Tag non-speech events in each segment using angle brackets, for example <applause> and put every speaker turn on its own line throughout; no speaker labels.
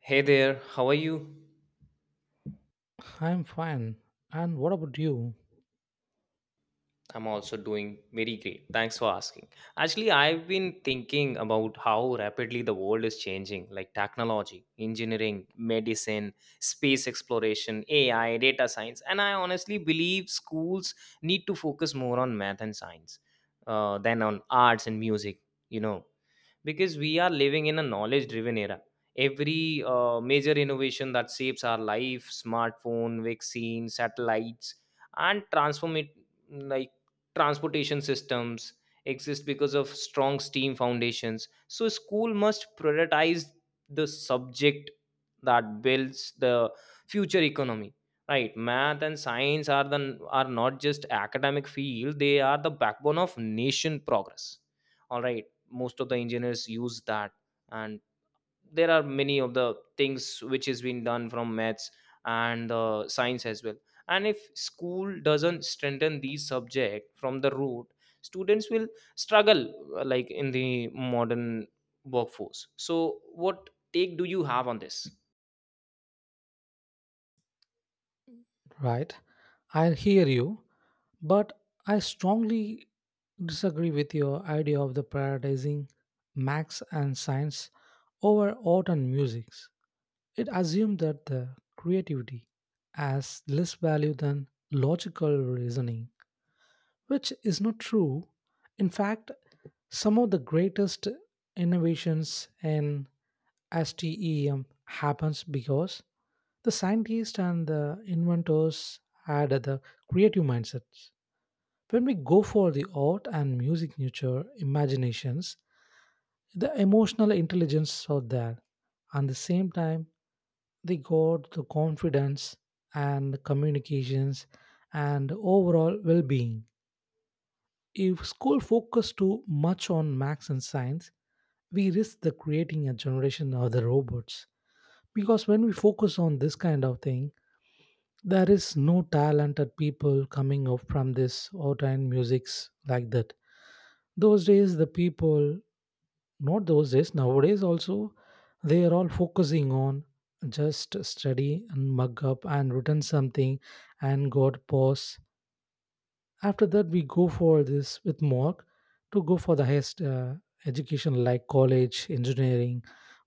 Hey there, how are you?
I'm fine. And what about you?
I'm also doing very great. Thanks for asking. Actually, I've been thinking about how rapidly the world is changing, like technology, engineering, medicine, space exploration, AI, data science, and I honestly believe schools need to focus more on math and science than on arts and music. You know, because we are living in a knowledge driven era every major innovation that shapes our life smartphone vaccines satellites and transform it like transportation systems exist because of strong steam foundations so school must prioritize the subject that builds the future economy right math and science are not just academic field they are the backbone of nation progress all right most of the engineers use that and there are many of the things which is being done from maths and science as well and if school doesn't strengthen these subject from the root students will struggle like in the modern workforce so what take do you have on this
Right. I hear you. But I strongly disagree with your idea of the prioritizing max and science over art and music. It assumes that the creativity has less value than logical reasoning, which is not true. In fact, some of the greatest innovations in STEM happens because the scientists and the inventors had the creative mindsets. When we go for the art and music nurture imaginations, the emotional intelligence are there. And the same time, they got the confidence and communications and overall well-being. If school focus too much on max and science, we risk the creating a generation of the robots. Because when we focus on this kind of thing, there is no talented people coming up from this art and musics like that. Those days the people, not those days, nowadays also, they are all focusing on just study and mug up and written something and got pause. After that we go for this with mark to go for the highest education, like college, engineering,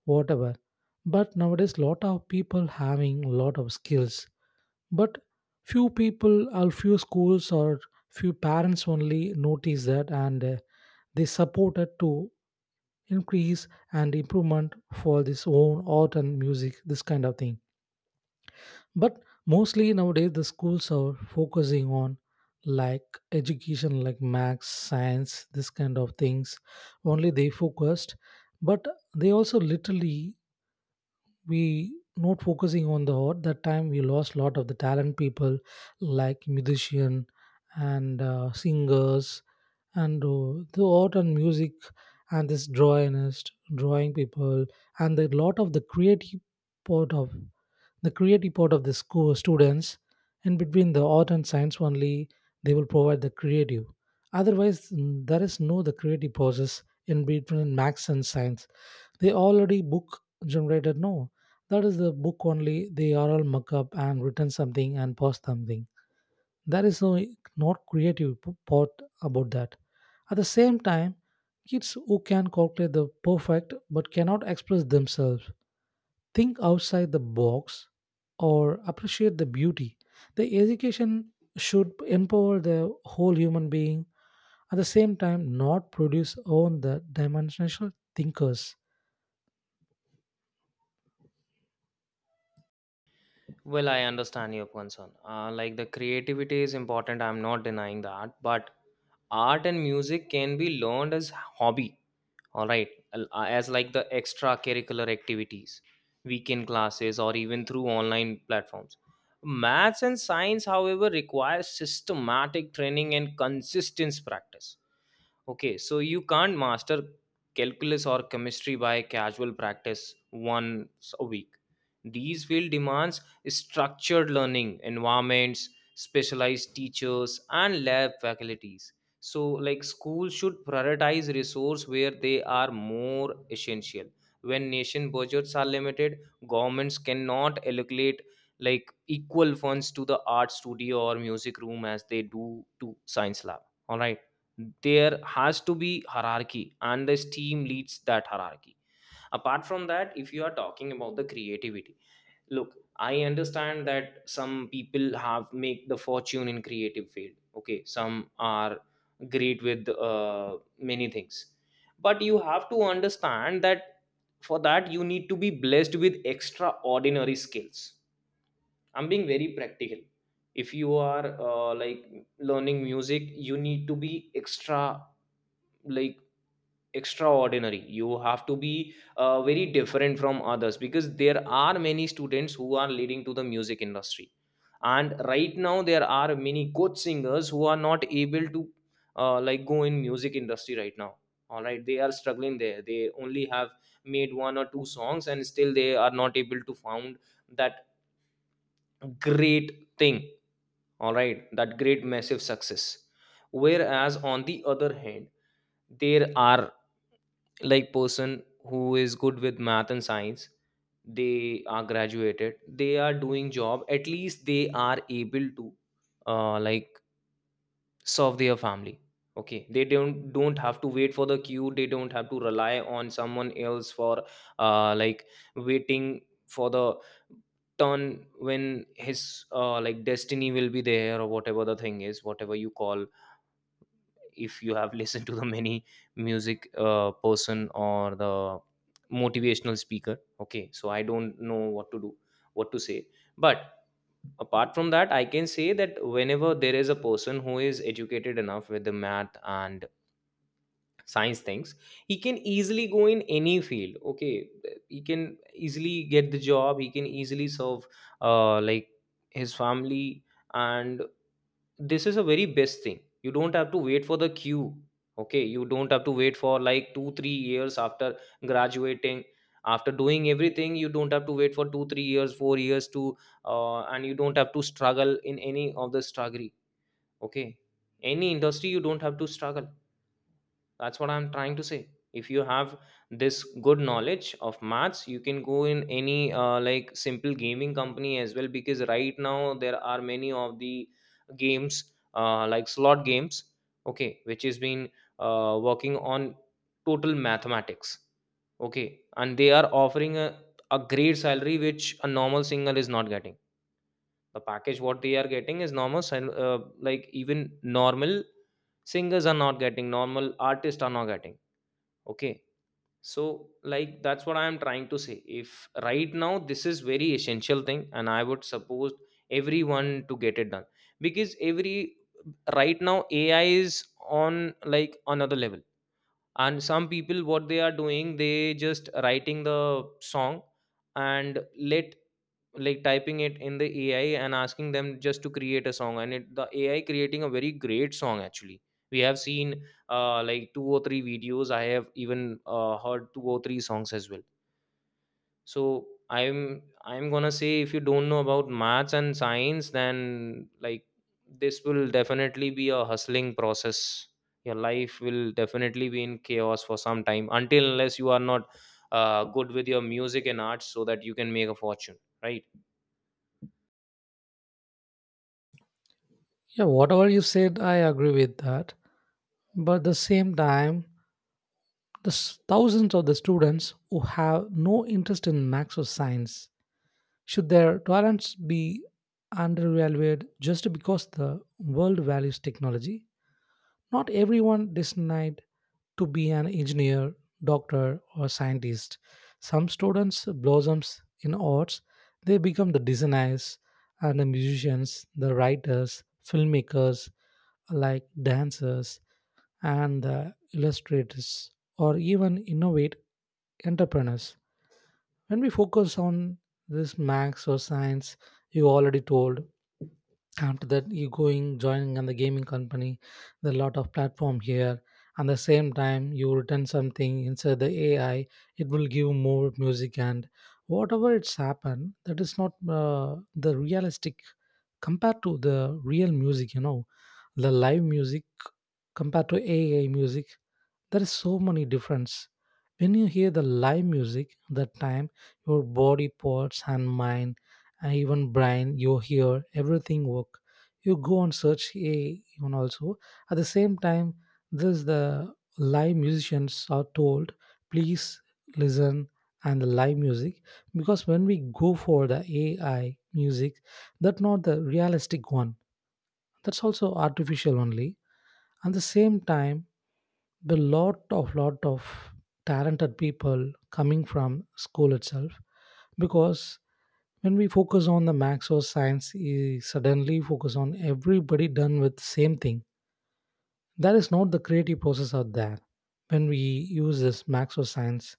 whatever. But nowadays lot of people having lot of skills. But few people or few schools or few parents only notice that. And they support it to increase and improvement for this own art and music, this kind of thing. But mostly nowadays, the schools are focusing on like education, like maths, science, this kind of things. Only they focused, but they also literally we not focusing on the art. That time we lost a lot of the talent people like musician and singers and the art and music and this drawingist drawing people and the lot of the creative part of the school students. In between the art and science only they will provide the creative. Otherwise there is no the creative process in between max and science. They already book generated, no, that is the book only they are all muck up and written something and post something. There is no, not creative part about that. At the same time, kids who can calculate the perfect but cannot express themselves, think outside the box, or appreciate the beauty, the education should empower the whole human being. At the same time, not produce own the dimensional thinkers.
well I understand your concern, like the creativity is important, I'm not denying that, but art and music can be learned as hobby. All right, as like the extracurricular activities, weekend classes, or even through online platforms. Maths and science, however, require systematic training and consistent practice. Okay, so you can't master calculus or chemistry by casual practice once a week. These field demands structured learning environments, specialized teachers, and lab faculties. So, like schools should prioritize resource where they are more essential. When nation budgets are limited, governments cannot allocate like equal funds to the art studio or music room as they do to science lab. All right, there has to be hierarchy and this team leads that hierarchy. Apart from that, if you are talking about the creativity, look, I understand that some people have make the fortune in creative field. Okay, some are great with many things, but you have to understand that for that you need to be blessed with extraordinary skills. I'm being very practical. If you are like learning music, you need to be extra, like extraordinary. You have to be very different from others because there are many students who are leading to the music industry, and right now there are many good singers who are not able to like go in music industry right now. All right, they are struggling there. They only have made one or two songs and still they are not able to found that great thing. All right, that great massive success. Whereas on the other hand, there are like person who is good with math and science. They are graduated, they are doing job, at least they are able to like serve their family. Okay, they don't have to wait for the queue. They don't have to rely on someone else for like waiting for the turn when his like destiny will be there or whatever the thing is, whatever you call. If you have listened to the many music person or the motivational speaker, okay, so I don't know what to do, what to say, but apart from that I can say that whenever there is a person who is educated enough with the math and science things, he can easily go in any field. Okay, he can easily get the job, he can easily serve like his family, and this is a very best thing. You don't have to wait for the queue. Okay, you don't have to wait for like 2 3 years after graduating, after doing everything. You don't have to wait for 2 3 years 4 years to and you don't have to struggle in any of the struggle. Okay, any industry, you don't have to struggle. That's what I'm trying to say. If you have this good knowledge of maths, you can go in any like simple gaming company as well, because right now there are many of the games, like slot games, okay, which has been working on total mathematics. Okay, and they are offering a great salary which a normal singer is not getting. The package what they are getting is normal like even normal singers are not getting, normal artists are not getting. Okay, so like that's what I am trying to say. If right now this is very essential thing and I would suppose everyone to get it done, because every right now ai is on like another level. And some people what they are doing, they just writing the song and let, like typing it in the AI and asking them just to create a song, and it the AI creating a very great song actually. We have seen like two or three videos. I have even heard two or three songs as well. So I'm gonna say if you don't know about maths and science, then like this will definitely be a hustling process. Your life will definitely be in chaos for some time until unless you are not good with your music and arts, so that you can make a fortune, right?
Yeah, whatever you said, I agree with that. But at the same time, the thousands of the students who have no interest in max or science, should their talents be undervalued just because the world values technology? Not everyone designed to be an engineer, doctor, or scientist. Some students blossoms in arts. They become the designers and the musicians, the writers, filmmakers, like dancers and the illustrators or even innovate entrepreneurs. When we focus on this max or science you already told, after that you going joining on the gaming company, there are lot of platform here. And the same time you return something inside the AI, it will give more music and whatever it's happened, that is not the realistic compared to the real music, the live music compared to AI music, there is so many difference. When you hear the live music, that time your body parts and mind and even brain, your hear everything work. You go and search AI even also. At the same time, this the live musicians are told, please listen and the live music. Because when we go for the AI music, that not the realistic one. That's also artificial only. At the same time, the lot of talented people coming from school itself. Because when we focus on the max or science suddenly focus on everybody done with same thing, that is not the creative process out there. When we use this max or science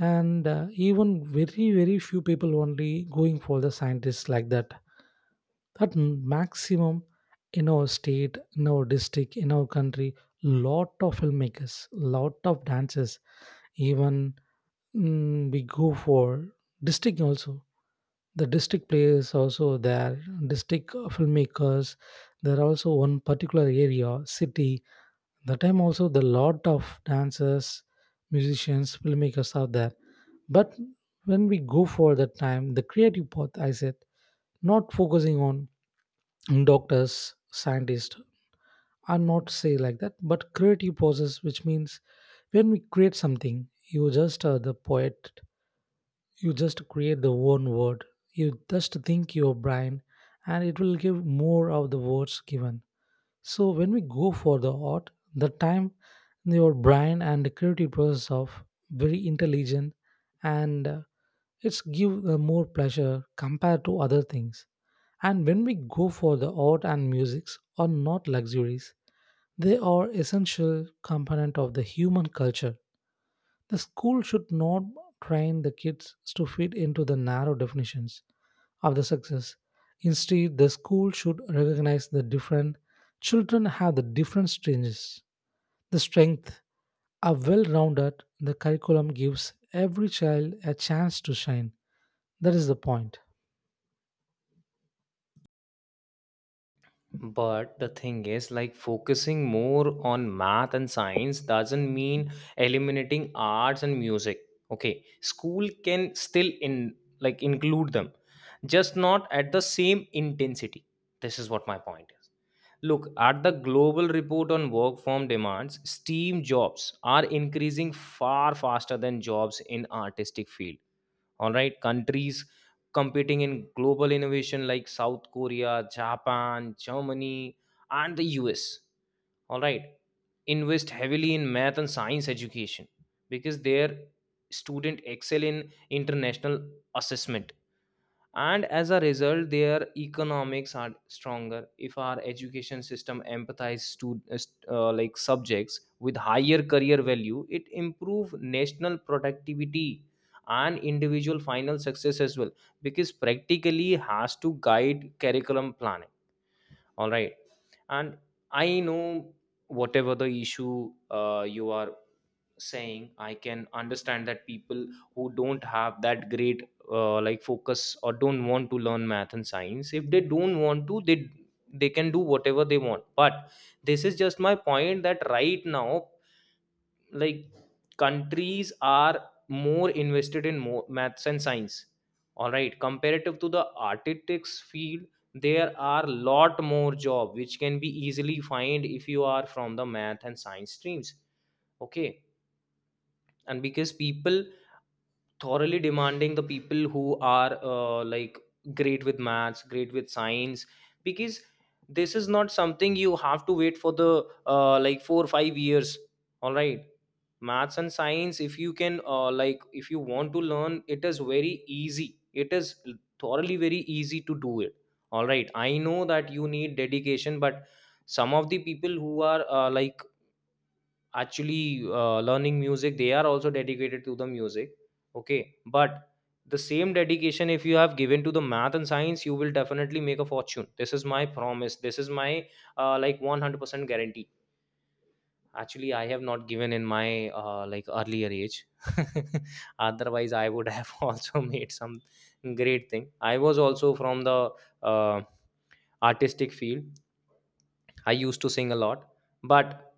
and even very very few people only going for the scientists like that. That maximum, in our state, in our district, in our country, lot of filmmakers, lot of dancers. Even we go for district also, the district players also there, district filmmakers. There are also one particular area city, the time also the lot of dancers, musicians, filmmakers are there. But when we go for that time, the creative path, I said, not focusing on doctors, scientists, are not say like that, but creative process. Which means when we create something, you just are the poet, you just create the one word, you just think your brain, and it will give more of the words given. So when we go for the art, the time your brain and the creative process of very intelligent and it's give more pleasure compared to other things. And when we go for the art and musics are not luxuries. They are essential component of the human culture. The school should not train the kids to fit into the narrow definitions of the success. Instead, the school should recognize the different children have the different strengths. The strength are well rounded. The curriculum gives every child a chance to shine. That is the point.
But the thing is, like focusing more on math and science doesn't mean eliminating arts and music. Okay, school can still in like include them, just not at the same intensity. This is what my point is. Look at the global report on work form demands. STEAM jobs are increasing far faster than jobs in artistic field. All right, countries competing in global innovation like South Korea, Japan, Germany, and the US, all right, invest heavily in math and science education, because their student excel in international assessment, and as a result their economics are stronger. If our education system empathize to like subjects with higher career value, it improve national productivity and individual final success as well, because practically has to guide curriculum planning. All right, and I know whatever the issue you are saying, I can understand that people who don't have that great like focus or don't want to learn math and science, if they don't want to, they can do whatever they want. But this is just my point that right now, like countries are more invested in more maths and science, all right, comparative to the architects field. There are lot more job which can be easily find if you are from the math and science streams. Okay, and because people thoroughly demanding the people who are like great with maths great with science, because this is not something you have to wait for the like 4 or 5 years. All right, maths and science, if you can like if you want to learn, it is very easy, it is thoroughly very easy to do it. All right, I know that you need dedication, but some of the people who are like actually learning music, they are also dedicated to the music. Okay, but the same dedication if you have given to the math and science, you will definitely make a fortune. This is my promise, this is my like 100% guarantee. Actually I have not given in my like earlier age <laughs> otherwise I would have <laughs> also made some great thing. I was also from the uh, artistic field. I used to sing a lot, but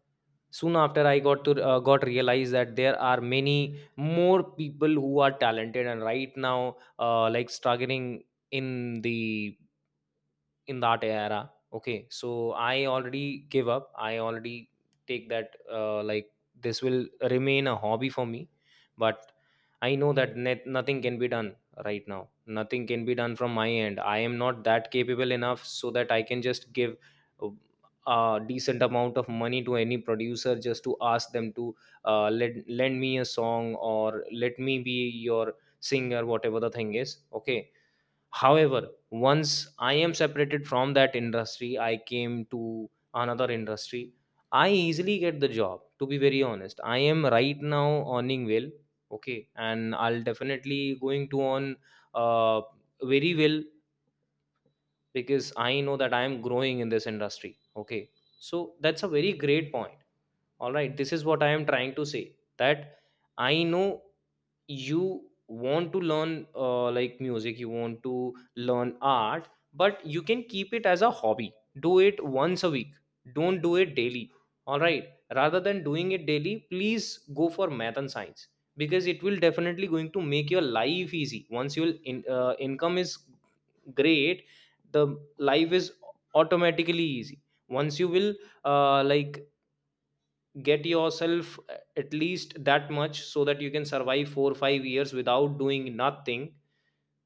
soon after I got to got realized that there are many more people who are talented and right now like struggling in the in that era. Okay, so I already give up, I already take that like this will remain a hobby for me. But I know that nothing can be done. Right now nothing can be done from my end. I am not that capable enough so that I can just give uh, a decent amount of money to any producer just to ask them to lend me a song or let me be your singer, whatever the thing is. Okay, however, once I am separated from that industry, I came to another industry. I easily get the job, to be very honest. I am right now earning well. Okay, and I'll definitely going to earn uh, very well, because I know that I am growing in this industry. Okay, so that's a very great point. All right, this is what I am trying to say, that I know you want to learn like music, you want to learn art, but you can keep it as a hobby. Do it once a week, don't do it daily. All right, rather than doing it daily, please go for math and science, because it will definitely going to make your life easy. Once your income is great, the life is automatically easy. Once you will like get yourself at least that much so that you can Survive 4 or 5 years without doing nothing.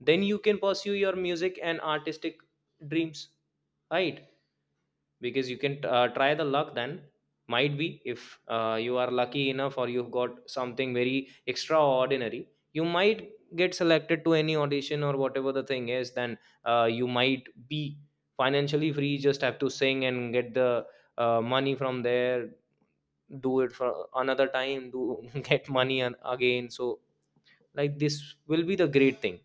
Then you can pursue your music and artistic dreams, right? Because you can try the luck then. Might be if you are lucky enough or you've got something very extraordinary, you might get selected to any audition or whatever the thing is. Then you might be financially free, just have to sing and get the money from there. Do it for another time, do <laughs> get money and again, so like this will be the great thing.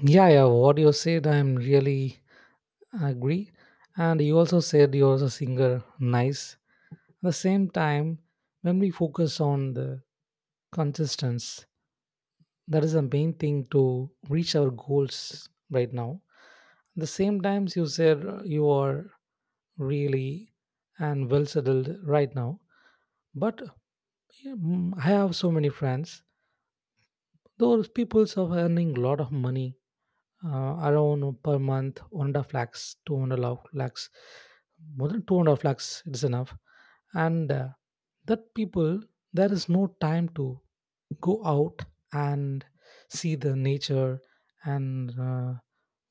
Yeah, yeah. What you said, I'm really agree. And you also said you're a singer. Nice. At the same time, when we focus on the consistency, that is the main thing to reach our goals right now. At the same times, you said you are really and well settled right now. But yeah, I have so many friends. Those people are earning a lot of money, around per month 1.5 lakhs, 2.5 lakhs, more than 2.5 lakhs, it's enough. And that people, there is no time to go out and see the nature and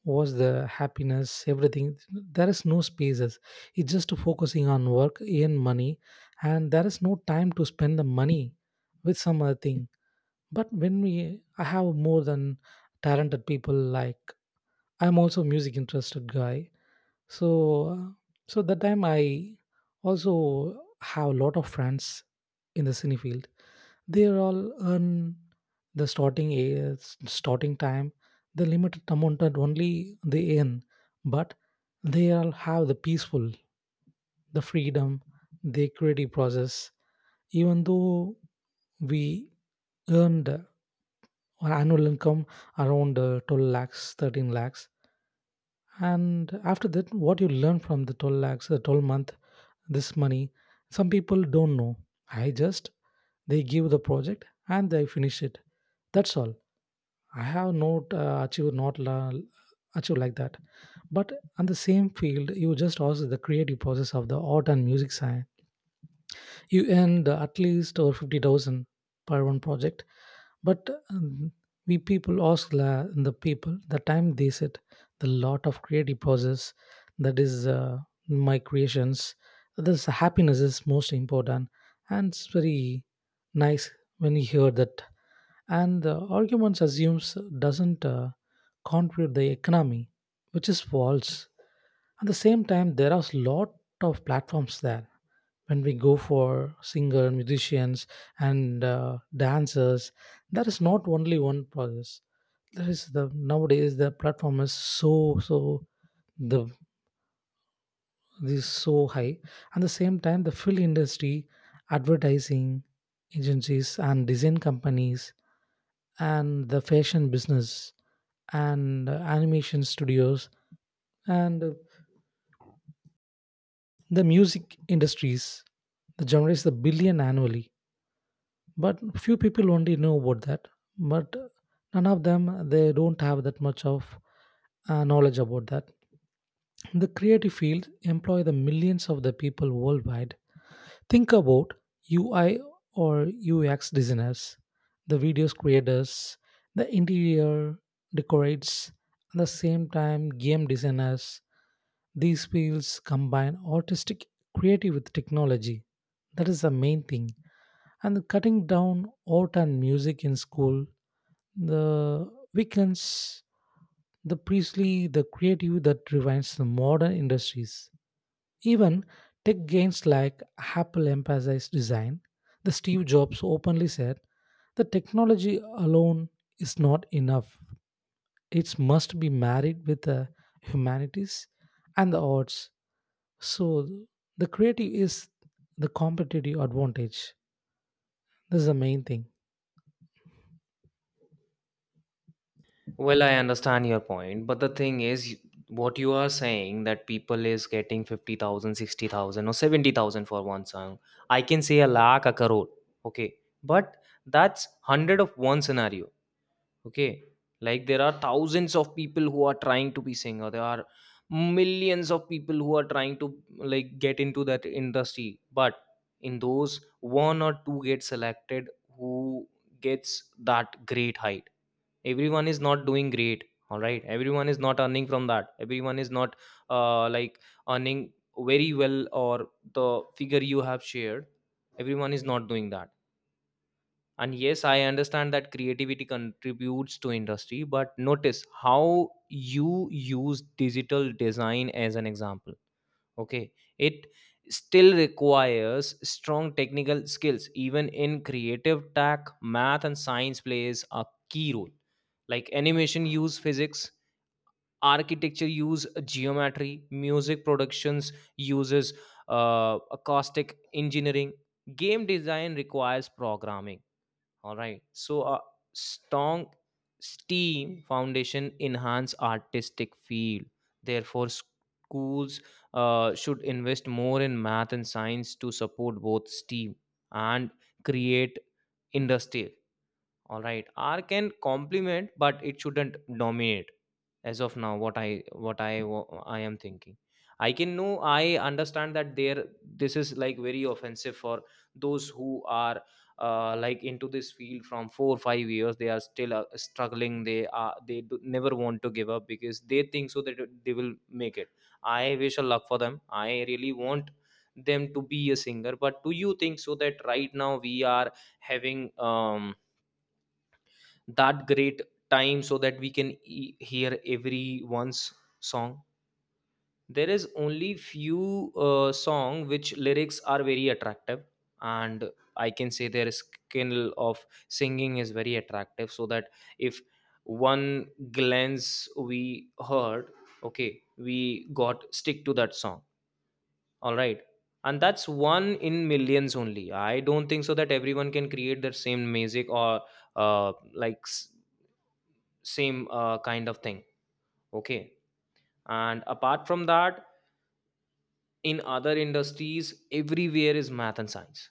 what's the happiness, everything. There is no spaces, it's just focusing on work and money, and there is no time to spend the money with some other thing. But when we, I have more than talented people, like I'm also music interested guy. So uh, so that time I also have a lot of friends in the cine field. They're all earn the starting a starting time, the limited amount that only they earn, but they all have the peaceful, the freedom, the creative process. Even though we earned our annual income around 12 lakhs, 13 lakhs, and after that, what you learn from the 12 lakhs, the 12-month, this money, some people don't know. I just, they give the project and they finish it. That's all. I have not achieved, not achieved like that. But on the same field, you just also the creative process of the art and music side, you earned at least over 50,000 per one project. But we people ask the people, the time they set the lot of creative process, that is my creations. This happiness is most important, and it's very nice when you hear that. And the arguments assumes doesn't contribute the economy, which is false. At the same time, there are a lot of platforms there. When we go for singer, musicians and dancers, there is not only one process. There is the nowadays the platform is so so, the is so high. At the same time, the film industry, advertising agencies and design companies and the fashion business and animation studios and the music industries, the generates the billion annually, but few people only know about that. But none of them, they don't have that much of knowledge about that. The creative field employ the millions of the people worldwide. Think about UI or UX designers, the videos creators, the interior decorates, at the same time game designers. These fields combine artistic creative with technology. That is the main thing. And cutting down art and music in school, the weekends, the priestly, the creative that defines the modern industries. Even tech giants like Apple emphasized design, the Steve Jobs openly said, the technology alone is not enough. It must be married with the humanities and the arts. So the creative is the competitive advantage. This is the main thing.
Well, I understand your point, but the thing is what you are saying, that people is getting 50,000, 60,000, or 70,000 for one song. I can say a lakh, a crore. Okay. But that's 100 of one scenario. Okay. Like, there are thousands of people who are trying to be singer. There are millions of people who are trying to like get into that industry, but in those one or two get selected who gets that great height. Everyone is not doing great, all right? Everyone is not earning from that. Everyone is not like earning very well or the figure you have shared. Everyone is not doing that. And yes, I understand that creativity contributes to industry, but notice how you use digital design as an example. Okay. It still requires strong technical skills. Even in creative tech, math and science plays a key role. Like animation use physics, architecture use geometry, music productions uses acoustic engineering, game design requires programming, all right? So a strong STEAM foundation enhance artistic field. Therefore, schools should invest more in math and science to support both STEAM and create industry. All right. R can complement, but it shouldn't dominate. As of now, what I am thinking, I can know, I understand that there, this is like very offensive for those who are like into this field from 4 or 5 years. They are still struggling. They never want to give up, because they think so that they will make it. I wish a luck for them. I really want them to be a singer. But do you think so that right now we are having um that great time so that we can e- hear everyone's song? There is only few song which lyrics are very attractive, and I can say their skill of singing is very attractive, so that if one glance we heard, okay, we got stick to that song, all right? And that's one in millions only. I don't think so that everyone can create their same music or uh, like s- same kind of thing. Okay. And apart from that, in other industries, everywhere is math and science,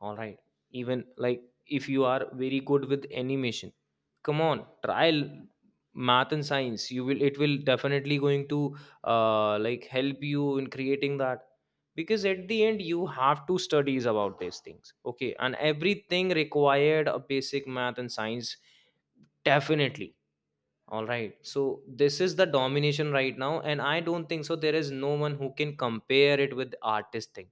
all right? Even like if you are very good with animation, come on, math and science, you will, it will definitely going to like help you in creating that, because at the end you have to studies about these things. Okay. And everything required a basic math and science, definitely. All right. So this is the domination right now, and I don't think so. There is no one who can compare it with artist thing.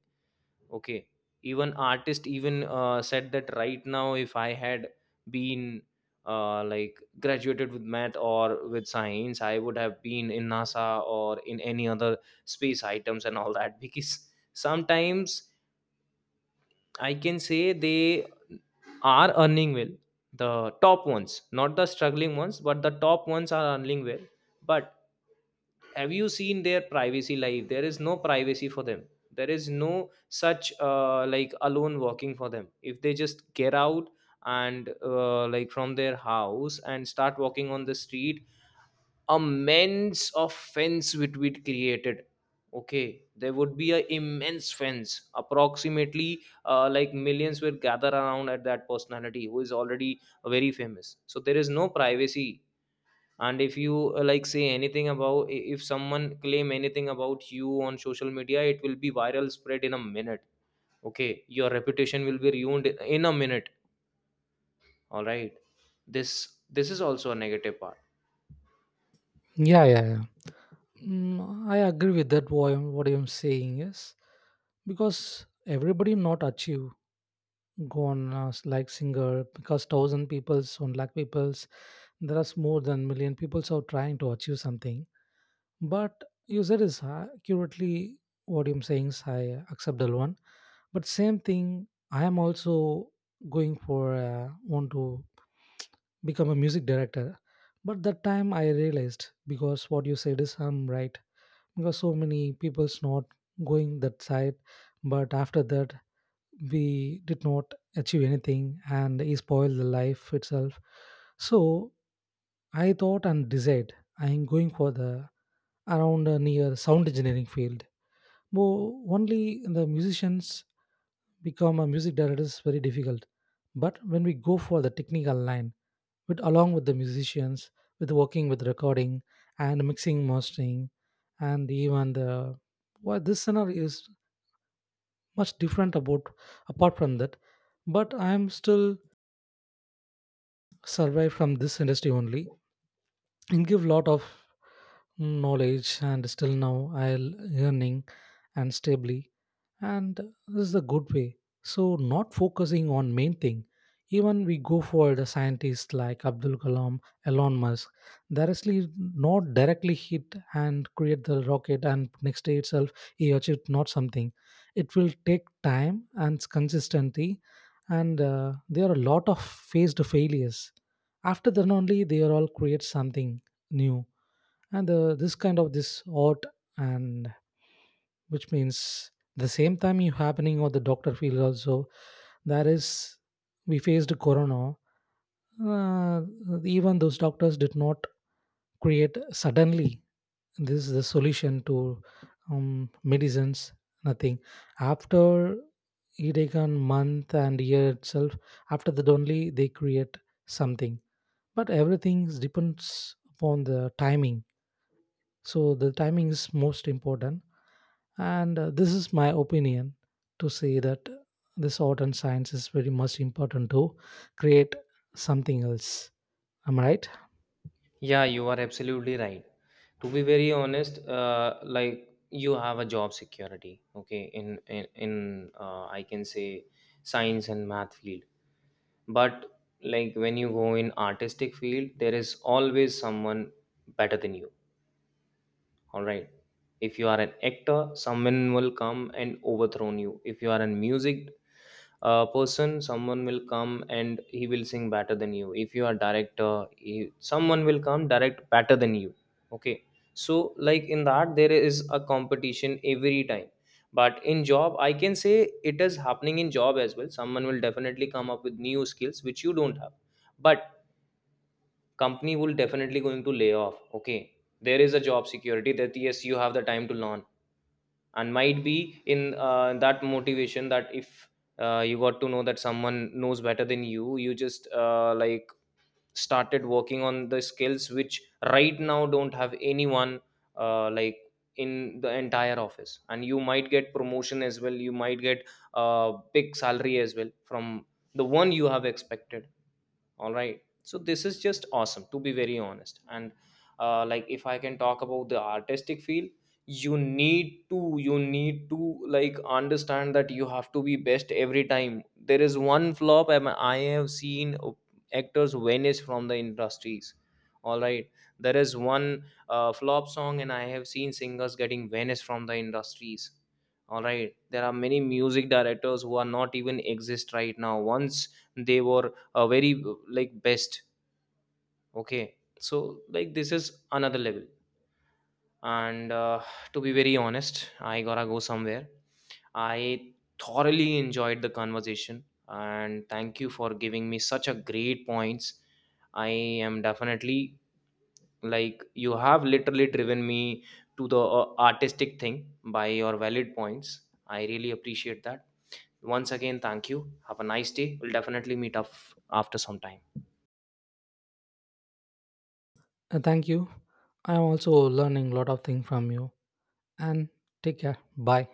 Okay. Even artist even said that right now, if I had been like graduated with math or with science, I would have been in NASA or in any other space items and all that. <laughs> Because sometimes I can say they are earning well. The top ones, not the struggling ones, but the top ones are earning well. But have you seen their privacy life? There is no privacy for them. There is no such like alone walking for them. If they just get out and like from their house and start walking on the street, immense of fence would be created. Okay. There would be a immense fence, approximately like millions will gather around at that personality who is already very famous. So there is no privacy. And if you like say anything about if someone claim anything about you on social media, it will be viral spread in a minute. Okay. Your reputation will be ruined in a minute, all right? this this is also a negative part.
Yeah, yeah, yeah. I agree with that. What I'm saying is, because everybody not achieve. Go on like singer, because thousand peoples, 1 lakh peoples, there are more than million peoples are trying to achieve something. But you said is accurately. What I'm saying is, I accept the one, but same thing I am also going for want to become a music director. But that time I realized, because what you said is, I'm right, because so many people's not going that side, but after that we did not achieve anything and he spoiled the life itself. So I thought and decided I'm going for the around near sound engineering field. Only the musicians become a music director is very difficult. But when we go for the technical line with along with the musicians, with working with recording and mixing mastering and even the, well, this scenario is much different about, apart from that. But I am still survive from this industry only and give lot of knowledge, and still now I'll earning and stably. And this is a good way, so not focusing on main thing. Even we go for the scientists like Abdul Kalam, Elon Musk, directly not directly hit and create the rocket and next day itself he achieved not something. It will take time and consistency, and there are a lot of faced failures, after then only they are all create something new and this kind of this odd, and which means the same time you happening or the doctor field also, that is, we faced corona. Uh, even those doctors did not create suddenly this is the solution to medicines, nothing. After it take month and year itself, after that only they create something. But everything depends upon the timing, so the timing is most important. And this is my opinion, to say that this art and science is very much important to create something else. Am I right?
Yeah, you are absolutely right. To be very honest, like you have a job security, okay, in I can say science and math field. But like when you go in artistic field, there is always someone better than you. All right. If you are an actor, someone will come and overthrow you. If you are a music person, someone will come and he will sing better than you. If you are director, someone will come direct better than you. Okay. So like in that, there is a competition every time. But in job, I can say it is happening in job as well. Someone will definitely come up with new skills which you don't have. But company will definitely going to lay off. Okay. There is a job security that yes, you have the time to learn, and might be in that motivation that if you got to know that someone knows better than you, you just like started working on the skills which right now don't have anyone like in the entire office, and you might get promotion as well, you might get a big salary as well from the one you have expected, all right? So this is just awesome, to be very honest. And like if I can talk about the artistic field, you need to like understand that you have to be best every time. There is one flop, I have seen actors vanish from the industries, all right? There is one flop song and I have seen singers getting vanished from the industries, all right? There are many music directors who are not even exist right now. Once they were a very like best. Okay. So like this is another level. And to be very honest, I gotta go somewhere. I thoroughly enjoyed the conversation and thank you for giving me such a great points. I am definitely, like, you have literally driven me to the artistic thing by your valid points. I really appreciate that. Once again, thank you. Have a nice day. We'll definitely meet up after some time.
Thank you, I'm also learning a lot of things from you. And take care. Bye.